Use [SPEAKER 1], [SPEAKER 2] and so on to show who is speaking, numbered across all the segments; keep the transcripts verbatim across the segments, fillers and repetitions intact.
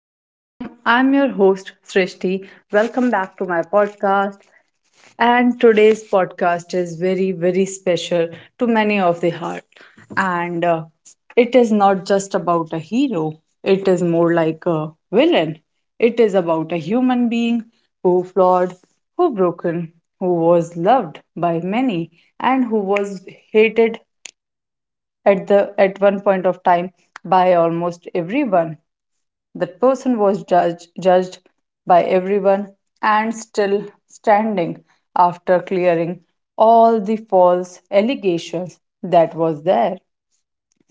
[SPEAKER 1] Hello, Shubham. I'm your host, Srishti. Welcome back to my podcast. And today's podcast is very, very special to many of the heart. And uh, It is not just about a hero, it is more like a villain. It is about a human being who flawed, who broken, who was loved by many, and who was hated at the at one point of time by almost everyone. That person was judged, judged by everyone and still standing after clearing all the false allegations that was there.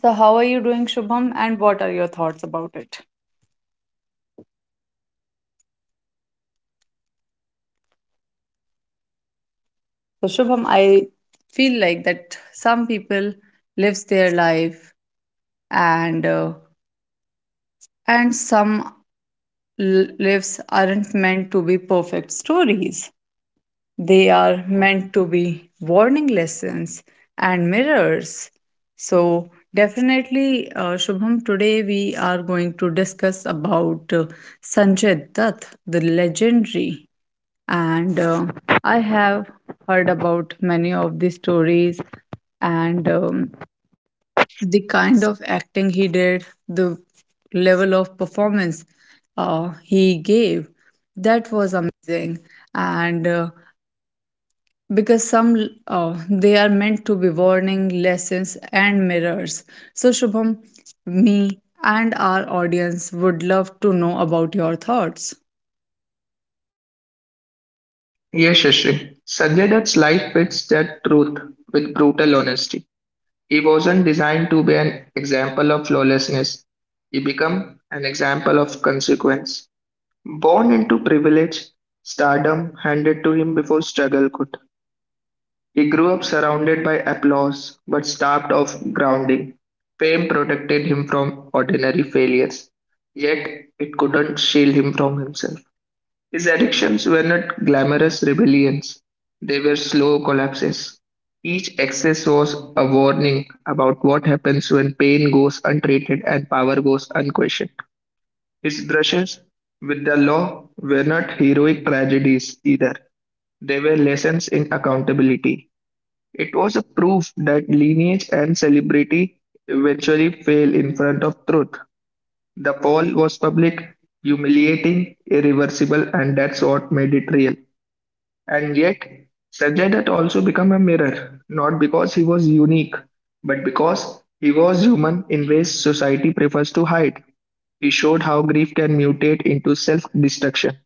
[SPEAKER 1] So, how are you doing, Shubham, and what are your thoughts about it? So, Shubham, I feel like that some people lives their life and uh, and some l- lives aren't meant to be perfect stories. They are meant to be warning lessons and mirrors. So, definitely, uh, Shubham, today we are going to discuss about uh, Sanjay Dutt, the legendary. And uh, I have heard about many of the stories and um, the kind of acting he did, the level of performance uh, he gave, that was amazing. And uh, Because some uh, they are meant to be warning lessons and mirrors, so Shubham, me and our audience would love to know about your thoughts.
[SPEAKER 2] Yashasri suggests that life fits that truth with brutal honesty. He wasn't designed to be an example of lawlessness. He became an example of consequence. Born into privilege, stardom handed to him before struggle could. He grew up surrounded by applause but starved of grounding. Fame protected him from ordinary failures, yet it couldn't shield him from himself. His addictions were not glamorous rebellions, they were slow collapses. Each excess was a warning about what happens when pain goes untreated and power goes unquestioned. His brushes with the law were not heroic tragedies either, they were lessons in accountability. It was a proof that lineage and celebrity eventually fail in front of truth. The fall was public, humiliating, irreversible, and that's what made it real. And yet, Sanjay Dutt also became a mirror, not because he was unique, but because he was human in ways society prefers to hide. He showed how grief can mutate into self destruction,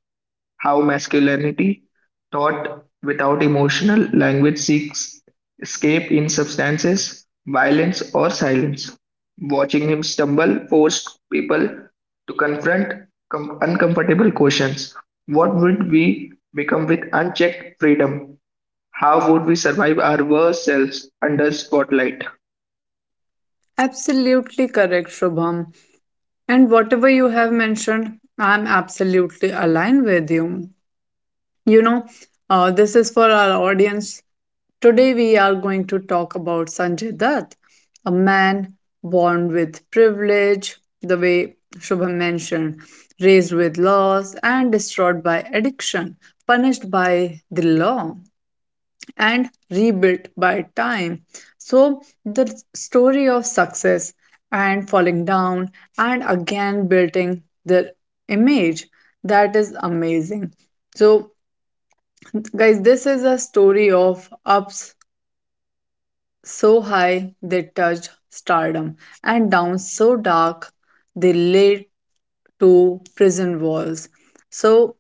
[SPEAKER 2] how masculinity, taught without emotional language, seeks escape in substances, violence, or silence. Watching him stumble forced people to confront com- uncomfortable questions. What would we become with unchecked freedom? How would we survive our worst selves under spotlight?
[SPEAKER 1] Absolutely correct, Shubham. And whatever you have mentioned, I'm absolutely aligned with you. You know, uh, this is for our audience. Today we are going to talk about Sanjay Dutt, a man born with privilege, the way Shubham mentioned, raised with loss and destroyed by addiction, punished by the law and rebuilt by time. So the story of success and falling down and again building the image, that is amazing. So guys, this is a story of ups so high they touched stardom and downs so dark they led to prison walls. So,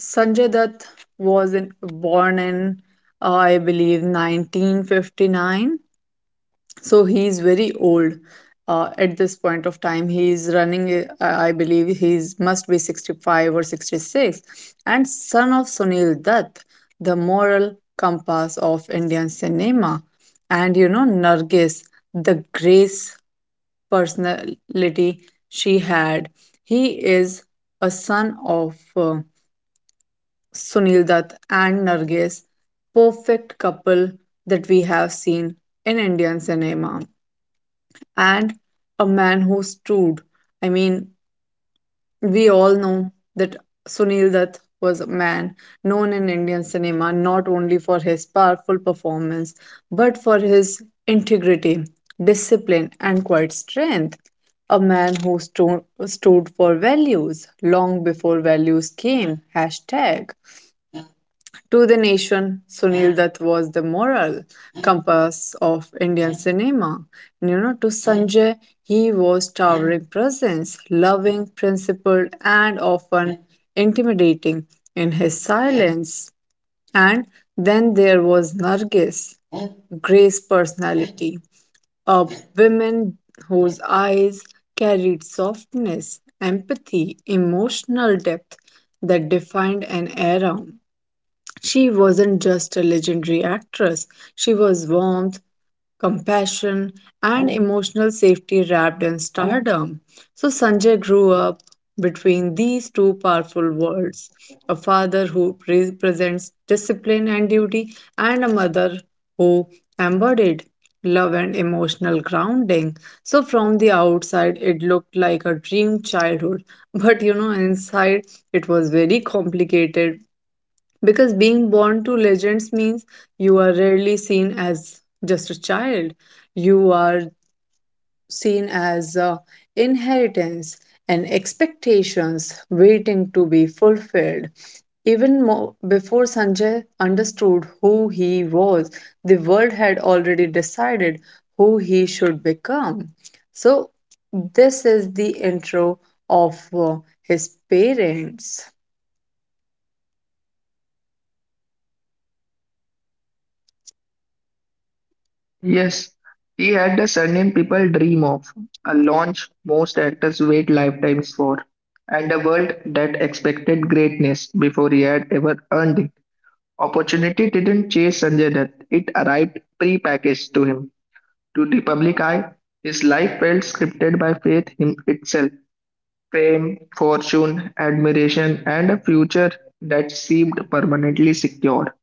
[SPEAKER 1] Sanjay Dutt was in, born in, uh, I believe, nineteen fifty-nine, so he is very old. Uh, at this point of time he is running, uh, I believe he is, must be sixty-five or sixty-six, and son of Sunil Dutt, the moral compass of Indian cinema. And you know, Nargis, the grace personality she had, he is a son of uh, Sunil Dutt and Nargis, perfect couple that we have seen in Indian cinema. And a man who stood. I mean, we all know that Sunil Dutt was a man known in Indian cinema not only for his powerful performance but for his integrity, discipline, and quiet strength. A man who sto- stood for values long before values came. Hashtag. To the nation, Sunil Dutt was the moral compass of Indian cinema. And you know, to Sanjay, he was towering presence, loving, principled, and often intimidating in his silence. And then there was Nargis, Gray's personality, a woman whose eyes carried softness, empathy, emotional depth that defined an era. She wasn't just a legendary actress, she was warmth, compassion, and emotional safety wrapped in stardom. So Sanjay grew up between these two powerful worlds, a father who represents discipline and duty, and a mother who embodied love and emotional grounding. So, from the outside, it looked like a dream childhood, but you know, inside it was very complicated because being born to legends means you are rarely seen as just a child, you are seen as uh, inheritance and expectations waiting to be fulfilled. Even more, before Sanjay understood who he was, the world had already decided who he should become. So, this is the intro of uh, his parents.
[SPEAKER 2] Yes, he had the surname people dream of, a launch most actors wait lifetimes for, and a world that expected greatness before he had ever earned it. Opportunity didn't chase Sanjay Dutt, it arrived pre-packaged to him. To the public eye, his life felt scripted by fate him itself. Fame, fortune, admiration, and a future that seemed permanently secure.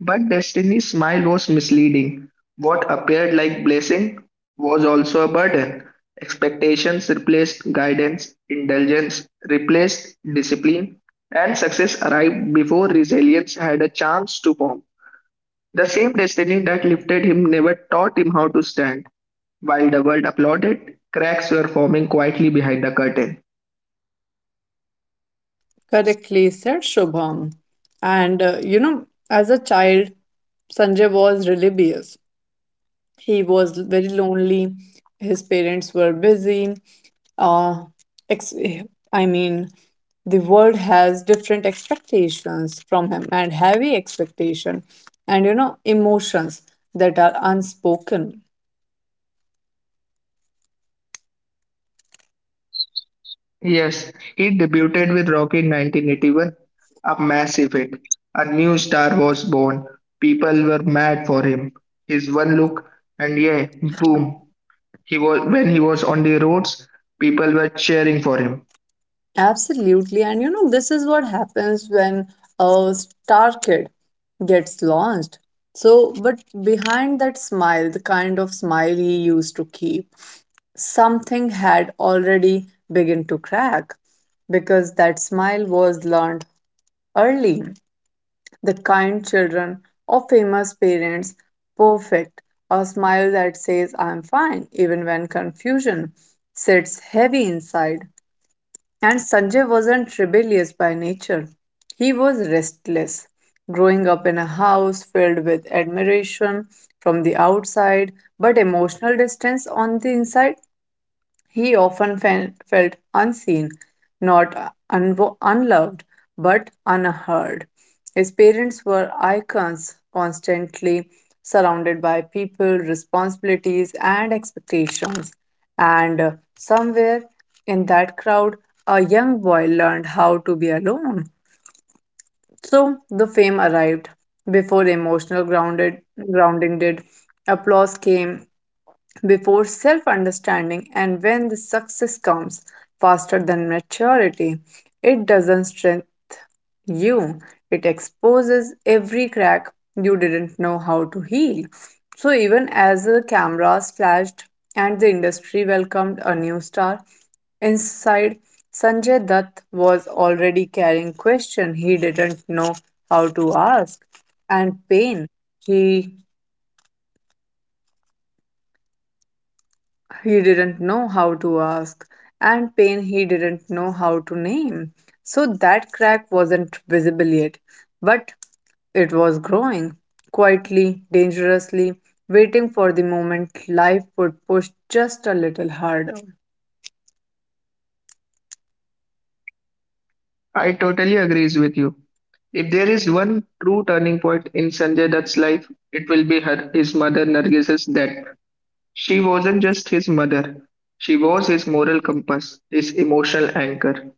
[SPEAKER 2] But Destiny's smile was misleading. What appeared like blessing was also a burden. Expectations replaced guidance, indulgence replaced discipline, and success arrived before resilience had a chance to form. The same destiny that lifted him never taught him how to stand. While the world applauded, cracks were forming quietly behind the curtain.
[SPEAKER 1] Correctly said, Shubham. And uh, You know, as a child, Sanjay was rebellious. He was very lonely. His parents were busy. Uh, ex- I mean, the world has different expectations from him and heavy expectation, and you know, emotions that are unspoken.
[SPEAKER 2] Yes, he debuted with Rocky in nineteen eighty-one, a massive hit. A new star was born. People were mad for him. His one look, and yeah, boom. He was when he was on the roads, people were cheering for him.
[SPEAKER 1] Absolutely. And you know, this is what happens when a star kid gets launched. So, but behind that smile, the kind of smile he used to keep, something had already begun to crack because that smile was learned early. The kind children of famous parents, perfect, a smile that says, I'm fine, even when confusion sits heavy inside. And Sanjay wasn't rebellious by nature, he was restless. Growing up in a house filled with admiration from the outside but emotional distance on the inside, he often fe- felt unseen, not unvo- unloved, but unheard. His parents were icons, constantly surrounded by people, responsibilities, and expectations. And uh, Somewhere in that crowd, a young boy learned how to be alone. So the fame arrived before emotional grounded grounding did. Applause came before self understanding, and when the success comes faster than maturity, it doesn't strengthen you, it exposes every crack you didn't know how to heal. So even as the cameras flashed and the industry welcomed a new star, inside Sanjay Dutt was already carrying questions he didn't know how to ask, and pain he he didn't know how to ask, and pain he didn't know how to name. So that crack wasn't visible yet, but it was growing, quietly, dangerously, waiting for the moment life would push just a little harder.
[SPEAKER 2] I totally agrees with you. If there is one true turning point in Sanjay Dutt's life, it will be her his mother Nargis's death. She wasn't just his mother; she was his moral compass, his emotional anchor.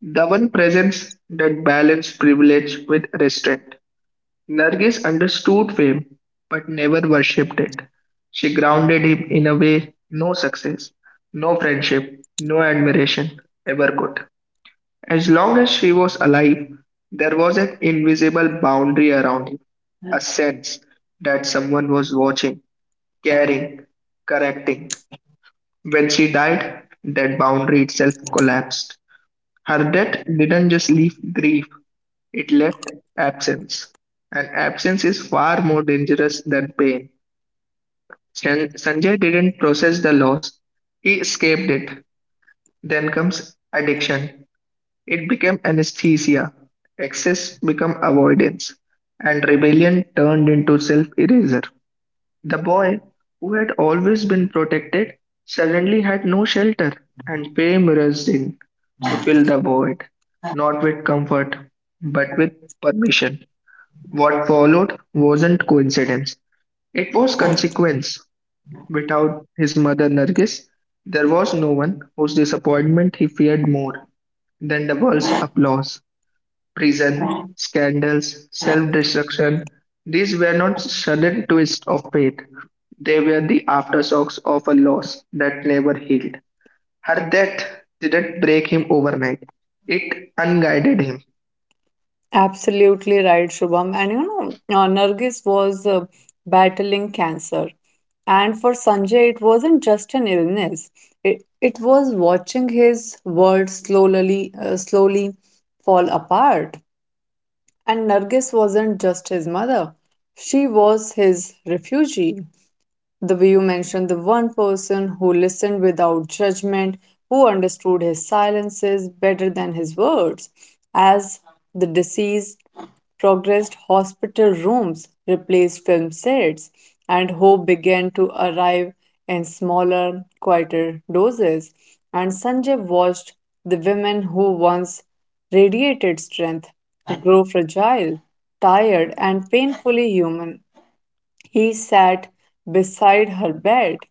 [SPEAKER 2] The one presence that balanced privilege with restraint. Nargis understood fame, but never worshipped it. She grounded him in a way no success, no friendship, no admiration ever could. As long as she was alive, there was an invisible boundary around him, a sense that someone was watching, caring, correcting. When she died, that boundary itself collapsed. Her death didn't just leave grief, it left absence, and absence is far more dangerous than pain. San- Sanjay didn't process the loss, he escaped it. Then comes addiction. It became anesthesia, excess became avoidance, and rebellion turned into self erasure. The boy, who had always been protected, suddenly had no shelter, and fame rushed in to fill the void, not with comfort, but with permission. What followed wasn't coincidence. It was consequence. Without his mother Nargis, there was no one whose disappointment he feared more than the world's applause. Prison, scandals, self destruction, these were not sudden twists of fate. They were the aftershocks of a loss that never healed. Her death didn't break him overnight, it unguided him.
[SPEAKER 1] Absolutely right, Shubham. And you know, uh, Nargis was uh, battling cancer. And for Sanjay, it wasn't just an illness. It, it was watching his world slowly, uh, slowly fall apart. And Nargis wasn't just his mother. She was his refugee. The way you mentioned, the one person who listened without judgment, who understood his silences better than his words. As the disease progressed, hospital rooms replaced film sets, and hope began to arrive in smaller, quieter doses. And Sanjay watched the women who once radiated strength grow fragile, tired, and painfully human. He sat beside her bed,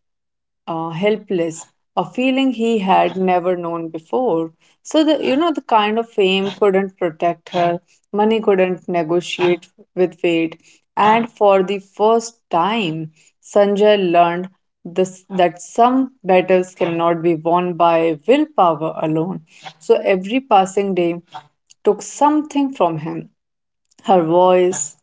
[SPEAKER 1] uh, helpless, a feeling he had never known before. So the, you know, the kind of fame couldn't protect her, money couldn't negotiate with fate, and for the first time, Sanjay learned this, that some battles cannot be won by willpower alone. So every passing day took something from him, her voice,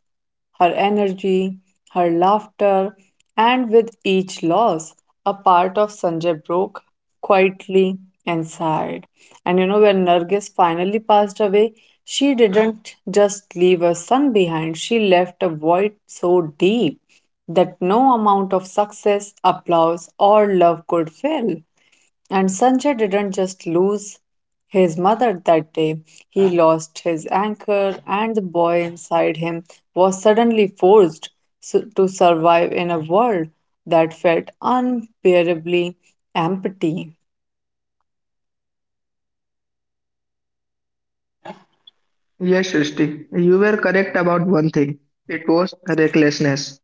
[SPEAKER 1] her energy, her laughter, and with each loss, a part of Sanjay broke quietly and sighed. And you know, when Nargis finally passed away, she didn't just leave a son behind, she left a void so deep that no amount of success, applause, or love could fill. And Sanjay didn't just lose his mother that day, he lost his anchor, and the boy inside him was suddenly forced su- to survive in a world that felt unbearably empty.
[SPEAKER 2] Yes, Srishti, you were correct about one thing. It was recklessness.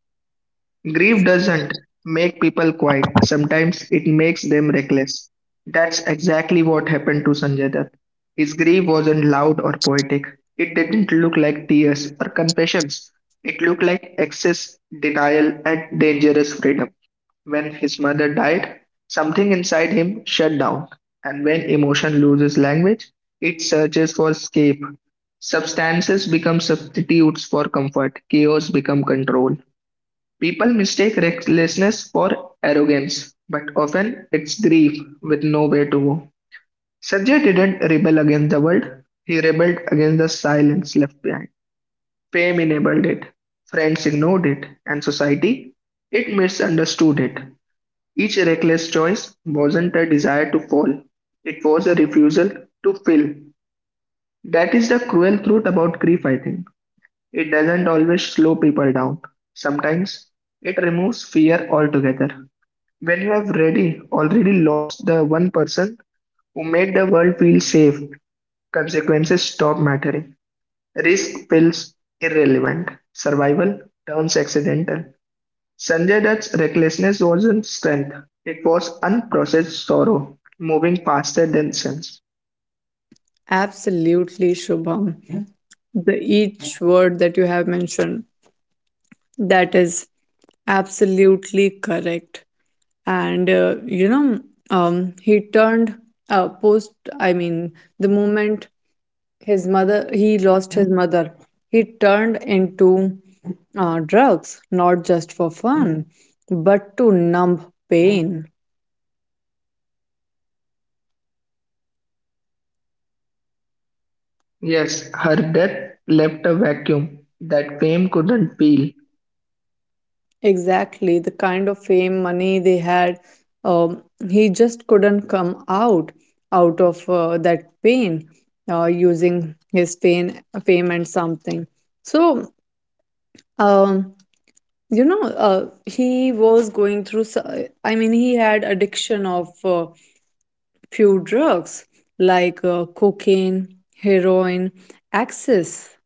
[SPEAKER 2] Grief doesn't make people quiet. Sometimes it makes them reckless. That's exactly what happened to Sanjay Dutt. His grief wasn't loud or poetic. It didn't look like tears or confessions. It looked like excess, denial, and dangerous freedom. When his mother died, something inside him shut down. And when emotion loses language, it searches for escape. Substances become substitutes for comfort. Chaos become control. People mistake recklessness for arrogance, but often it's grief with nowhere to go. Sanjay didn't rebel against the world, he rebelled against the silence left behind. Fame enabled it, friends ignored it, and society, it misunderstood it. Each reckless choice wasn't a desire to fall, it was a refusal to feel. That is the cruel truth about grief, I think. It doesn't always slow people down, sometimes it removes fear altogether. When you have ready, already lost the one person who made the world feel safe, consequences stop mattering. Risk feels irrelevant. Survival turns accidental. Sanjay Dutt's recklessness wasn't strength, it was unprocessed sorrow, moving faster than sense.
[SPEAKER 1] Absolutely, Shubham. The each word that you have mentioned, that is absolutely correct. And uh, You know, um, he turned uh, post. I mean, the moment his mother, he lost his mother. He turned into uh, drugs, not just for fun, but to numb pain.
[SPEAKER 2] Yes, her death left a vacuum that fame couldn't fill.
[SPEAKER 1] Exactly, the kind of fame, money they had. Um, he just couldn't come out out of uh, that pain uh, using his fame, fame and something. So, um, you know, uh, he was going through. so- I mean, he had addiction of. Uh, few drugs like uh, cocaine, heroin, access.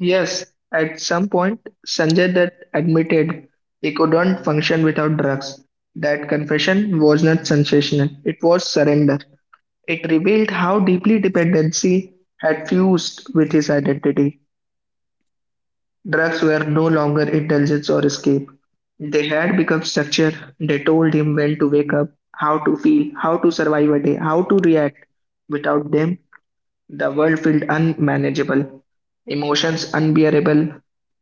[SPEAKER 2] Yes, at some point, Sanjay Dutt admitted he couldn't function without drugs. That confession was not sensational, it was surrender. It revealed how deeply dependency had fused with his identity. Drugs were no longer indulgence or escape. They had become structure. They told him when to wake up, how to feel, how to survive a day, how to react. Without them, the world felt unmanageable, emotions unbearable,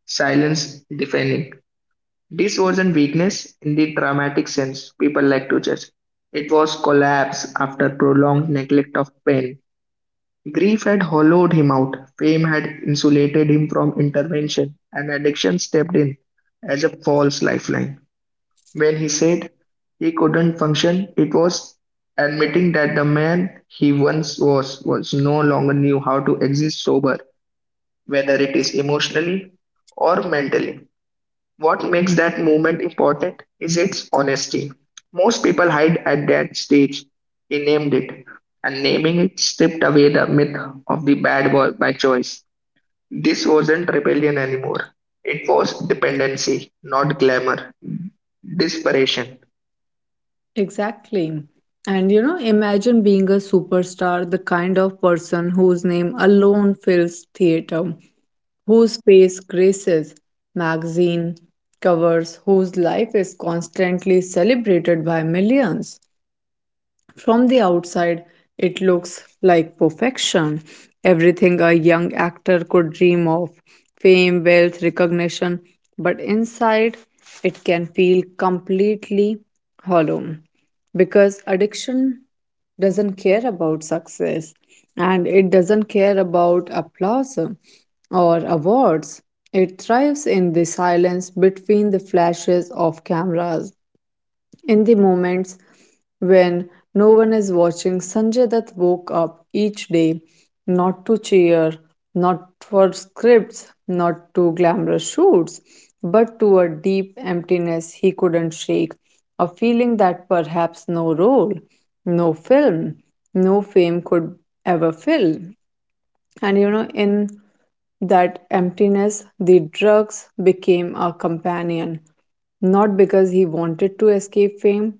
[SPEAKER 2] silence deafening. This wasn't weakness in the dramatic sense people like to judge. It was collapse after prolonged neglect of pain. Grief had hollowed him out, fame had insulated him from intervention, and addiction stepped in as a false lifeline. When he said he couldn't function, it was admitting that the man he once was was no longer knew how to exist sober, whether it is emotionally or mentally. What makes that movement important is its honesty. Most people hide at that stage. He named it, and naming it stripped away the myth of the bad boy by choice. This wasn't rebellion anymore. It was dependency, not glamour, desperation.
[SPEAKER 1] Exactly. And you know, imagine being a superstar, the kind of person whose name alone fills theater, whose face graces magazine covers, whose life is constantly celebrated by millions. From the outside, it looks like perfection. Everything a young actor could dream of: fame, wealth, recognition. But inside, it can feel completely hollow because addiction doesn't care about success and it doesn't care about applause or awards. It thrives in the silence between the flashes of cameras. In the moments when no one is watching, Sanjay Dutt woke up each day not to cheer, not for scripts, not to glamorous shoots, but to a deep emptiness he couldn't shake, a feeling that perhaps no role, no film, no fame could ever fill. And you know, in that emptiness, the drugs became a companion, not because he wanted to escape fame,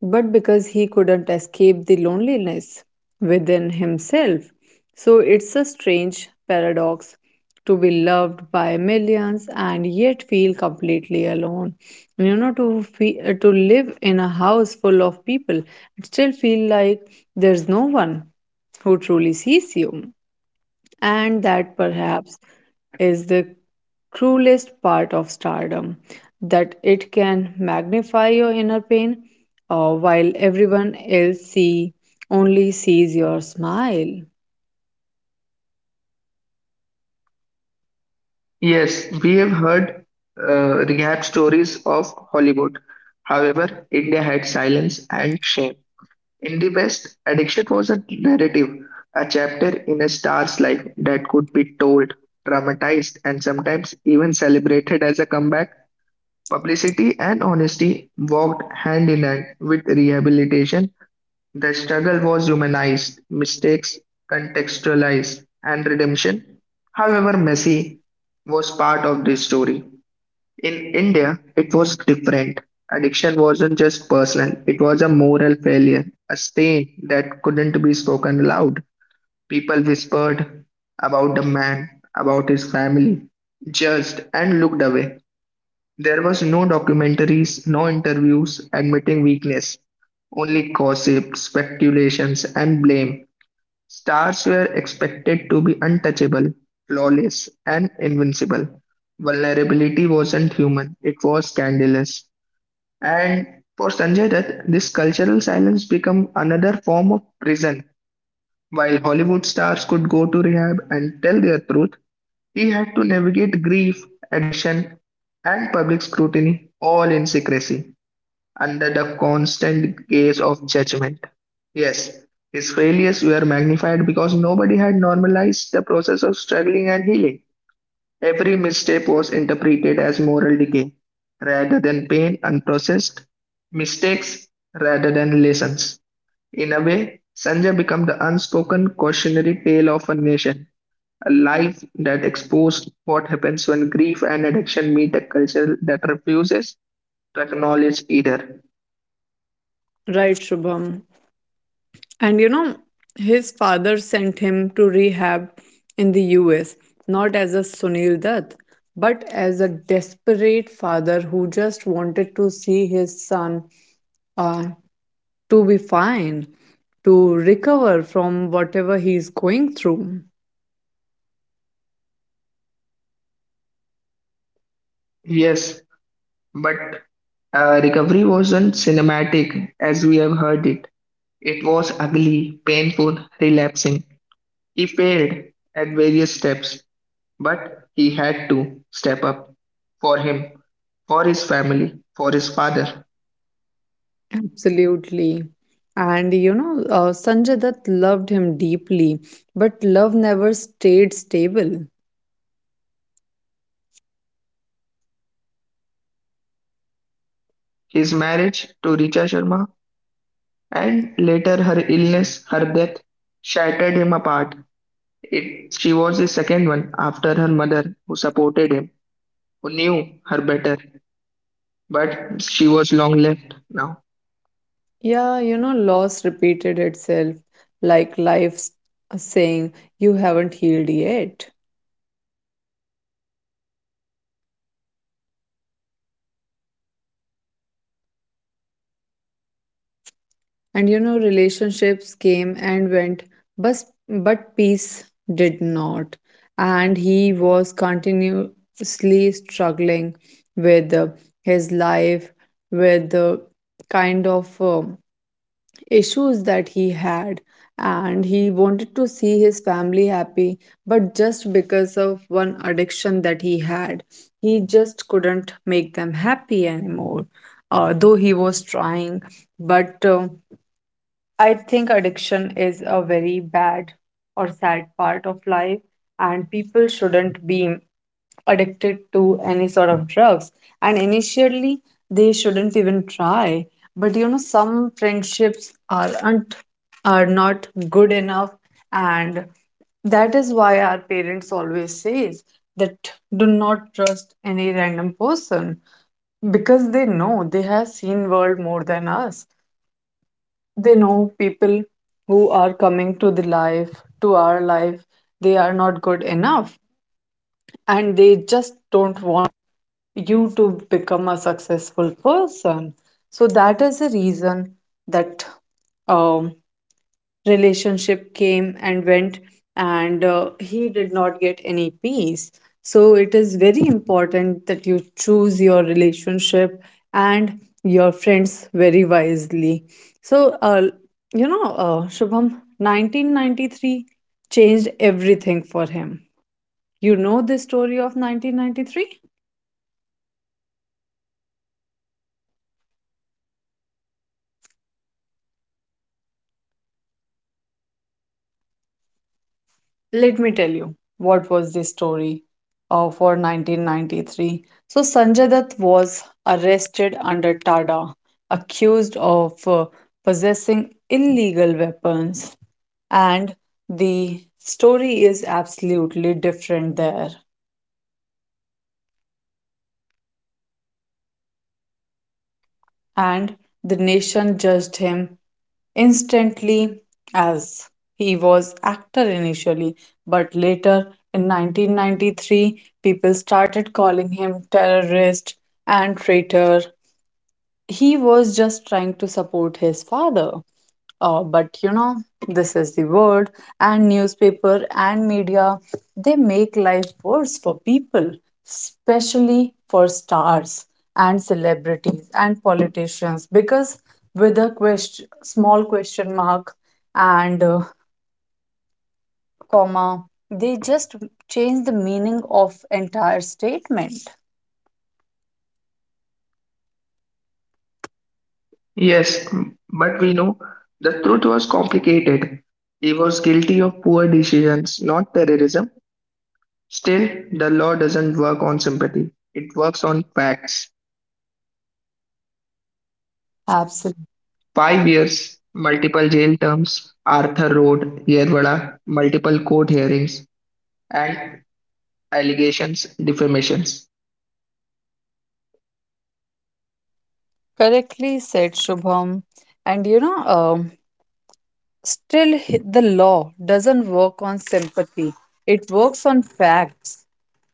[SPEAKER 1] but because he couldn't escape the loneliness within himself. So it's a strange paradox to be loved by millions and yet feel completely alone. You know, to fe- uh, to live in a house full of people, it still feel like there's no one who truly sees you. And that perhaps is the cruelest part of stardom, that it can magnify your inner pain uh, while everyone else see only sees your smile.
[SPEAKER 2] Yes, we have heard uh, rehab stories of Hollywood. However, India had silence and shame. In the West, addiction was a narrative, a chapter in a star's life that could be told, dramatized, and sometimes even celebrated as a comeback. Publicity and honesty walked hand in hand with rehabilitation, the struggle was humanized, mistakes contextualized, and redemption, however messy, was part of this story. In India, it was different. Addiction wasn't just personal, it was a moral failure, a stain that couldn't be spoken aloud. People whispered about the man, about his family, judged, and looked away. There was no documentaries, no interviews admitting weakness, only gossip, speculations, and blame. Stars were expected to be untouchable, flawless, and invincible. Vulnerability wasn't human, it was scandalous. And for Sanjay Dutt, this cultural silence became another form of prison. While Hollywood stars could go to rehab and tell their truth, he had to navigate grief, addiction, and public scrutiny all in secrecy, under the constant gaze of judgment. Yes, his failures were magnified because nobody had normalized the process of struggling and healing. Every misstep was interpreted as moral decay rather than pain unprocessed, mistakes rather than lessons. In a way, Sanjay became the unspoken cautionary tale of a nation, a life that exposed what happens when grief and addiction meet a culture that refuses to acknowledge either.
[SPEAKER 1] Right, Shubham. And you know, his father sent him to rehab in the U S, not as a Sunil Dutt, but as a desperate father who just wanted to see his son uh, to be fine, to recover from whatever he's going through.
[SPEAKER 2] Yes, but uh, recovery wasn't cinematic as we have heard it. It was ugly, painful, relapsing. He failed at various steps, but he had to step up for him, for his family, for his father.
[SPEAKER 1] Absolutely. And you know, uh, Sanjay Dutt loved him deeply, but love never stayed stable.
[SPEAKER 2] His marriage to Richa Sharma and later her illness, her death, shattered him apart. It, she was the second one after her mother who supported him, who knew her better. But she was long left now.
[SPEAKER 1] Yeah, you know, loss repeated itself like life s- saying, you haven't healed yet. And you know, relationships came and went, but, but peace did not. And he was continuously struggling with uh, his life, with the kind of uh, issues that he had. And he wanted to see his family happy, but just because of one addiction that he had, he just couldn't make them happy anymore. Uh, though he was trying, but uh, I think addiction is a very bad or sad part of life, and people shouldn't be addicted to any sort of drugs. And initially, they shouldn't even try. But you know, some friendships aren't are not good enough, and that is why our parents always says that do not trust any random person because they know, they have seen world more than us. They know people who are coming to the life to our life, they are not good enough, and they just don't want you to become a successful person. So that is the reason that um, relationship came and went, and uh, he did not get any peace. So it is very important that you choose your relationship and your friends very wisely. So uh, you know, uh, Shubham, nineteen ninety-three changed everything for him. You know the story of nineteen ninety-three. Let me tell you what was the story uh, for nineteen ninety-three. So, Sanjay Dutt was arrested under Tada, accused of uh, possessing illegal weapons, and the story is absolutely different there. And the nation judged him instantly as he was actor initially, but later in nineteen ninety-three people started calling him terrorist and traitor. He was just trying to support his father. Uh, but you know, this is the world, and newspaper and media, they make life worse for people, especially for stars and celebrities and politicians, because with a question, small question mark and uh, comma, they just change the meaning of entire statement.
[SPEAKER 2] Yes, but we know the truth was complicated. He was guilty of poor decisions, not terrorism. Still, the law doesn't work on sympathy, it works on facts.
[SPEAKER 1] Absolutely
[SPEAKER 2] Five years, multiple jail terms, Arthur Road, Yerwada, multiple court hearings, and allegations, defamations.
[SPEAKER 1] correctly said, Shubham. And you know, um still, h- the law doesn't work on sympathy, it works on facts.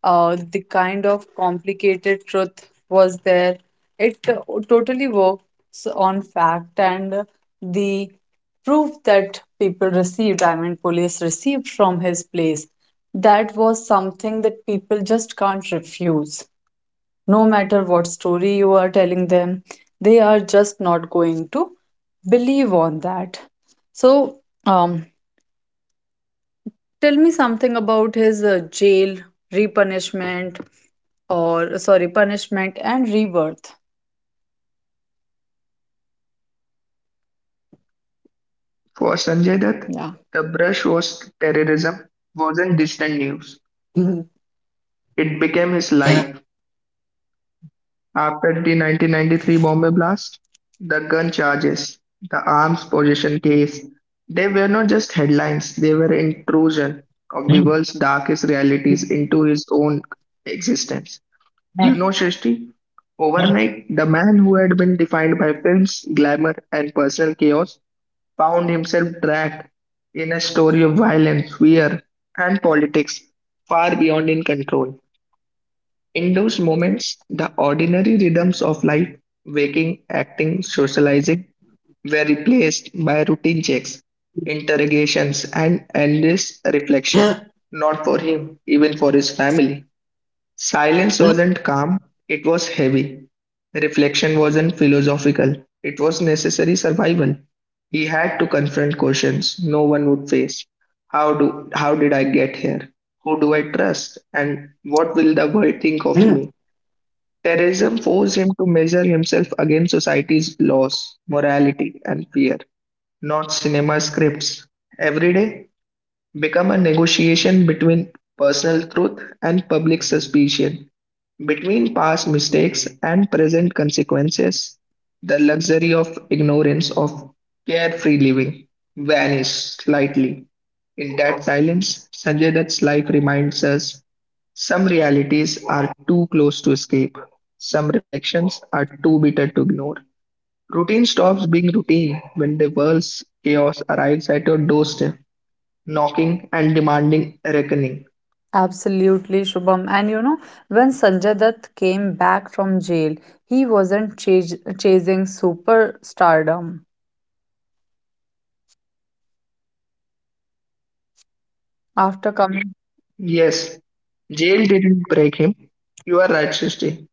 [SPEAKER 1] Uh, the kind of complicated truth was there. It uh, totally works on fact, and the proof that people received, I mean, police received from his place. That was something that people just can't refuse. No matter what story you are telling them, they are just not going to believe on that. So, um, tell me something about his uh, jail, repunishment, or sorry, punishment and rebirth.
[SPEAKER 2] For Sanjay Dutt,
[SPEAKER 1] Yeah.
[SPEAKER 2] the brush was terrorism, wasn't distant news. It became his life. After the nineteen ninety-three Bombay blast, the gun charges, the arms possession case, they were not just headlines, they were intrusion of the world's darkest realities into his own existence. You know, Srishti, overnight, the man who had been defined by films, glamour, and personal chaos found himself dragged in a story of violence, fear, and politics far beyond in control. In those moments, the ordinary rhythms of life, waking, acting, socializing, were replaced by routine checks, interrogations, and endless reflection. Not for him, even for his family. Silence wasn't calm, it was heavy. Reflection wasn't philosophical, it was necessary survival. He had to confront questions no one would face. How do how did I get here? Who do I trust? And what will the world think of me? Terrorism forced him to measure himself against society's laws, morality, and fear, not cinema scripts. Every day become a negotiation between personal truth and public suspicion, between past mistakes and present consequences. The luxury of ignorance, of carefree living, vanished slightly. In that silence, Sanjay Dutt's life reminds us some realities are too close to escape. Some reflections are too bitter to ignore. Routine stops being routine when the world's chaos arrives at your doorstep, knocking and demanding a reckoning.
[SPEAKER 1] Absolutely, Shubham. And you know, when Sanjay Dutt came back from jail, he wasn't chas- chasing superstardom. After coming.
[SPEAKER 2] Yes, jail didn't break him. You are right, Srishti.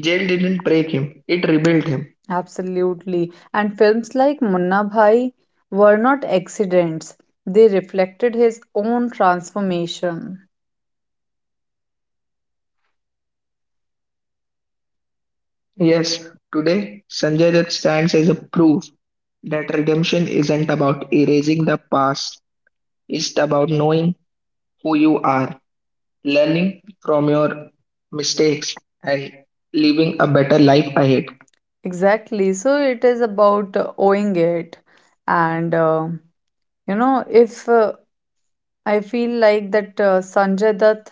[SPEAKER 2] Jail didn't break him, it rebuilt him.
[SPEAKER 1] Absolutely. And films like Munna Bhai were not accidents, they reflected his own transformation.
[SPEAKER 2] Yes, today Sanjay Dutt stands as a proof that redemption isn't about erasing the past, it's about knowing who you are, learning from your mistakes, and living a better life ahead.
[SPEAKER 1] Exactly. So it is about uh, owing it. And, uh, you know, if uh, I feel like that uh, Sanjay Dutt,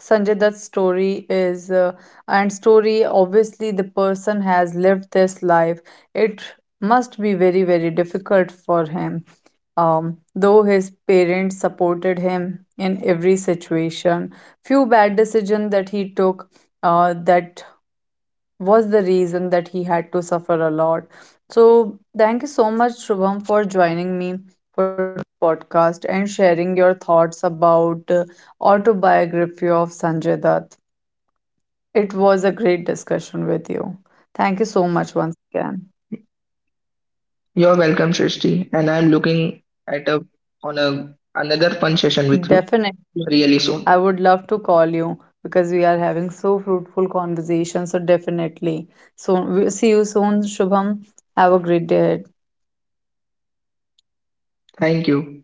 [SPEAKER 1] Sanjay Dutt's story is, uh, and story obviously the person has lived this life. It must be very, very difficult for him. Um, though his parents supported him in every situation, few bad decisions that he took, uh, that was the reason that he had to suffer a lot. So, thank you so much, Shubham, for joining me for the podcast and sharing your thoughts about uh, autobiography of Sanjay Dutt. It was a great discussion with you. Thank you so much once again.
[SPEAKER 2] You're welcome, Srishti, and I'm looking at a on a another fun session with you
[SPEAKER 1] Definitely,
[SPEAKER 2] really soon.
[SPEAKER 1] I would love to call you because we are having so fruitful conversations. So definitely, so we see you soon, Shubham. Have a great day.
[SPEAKER 2] Thank you.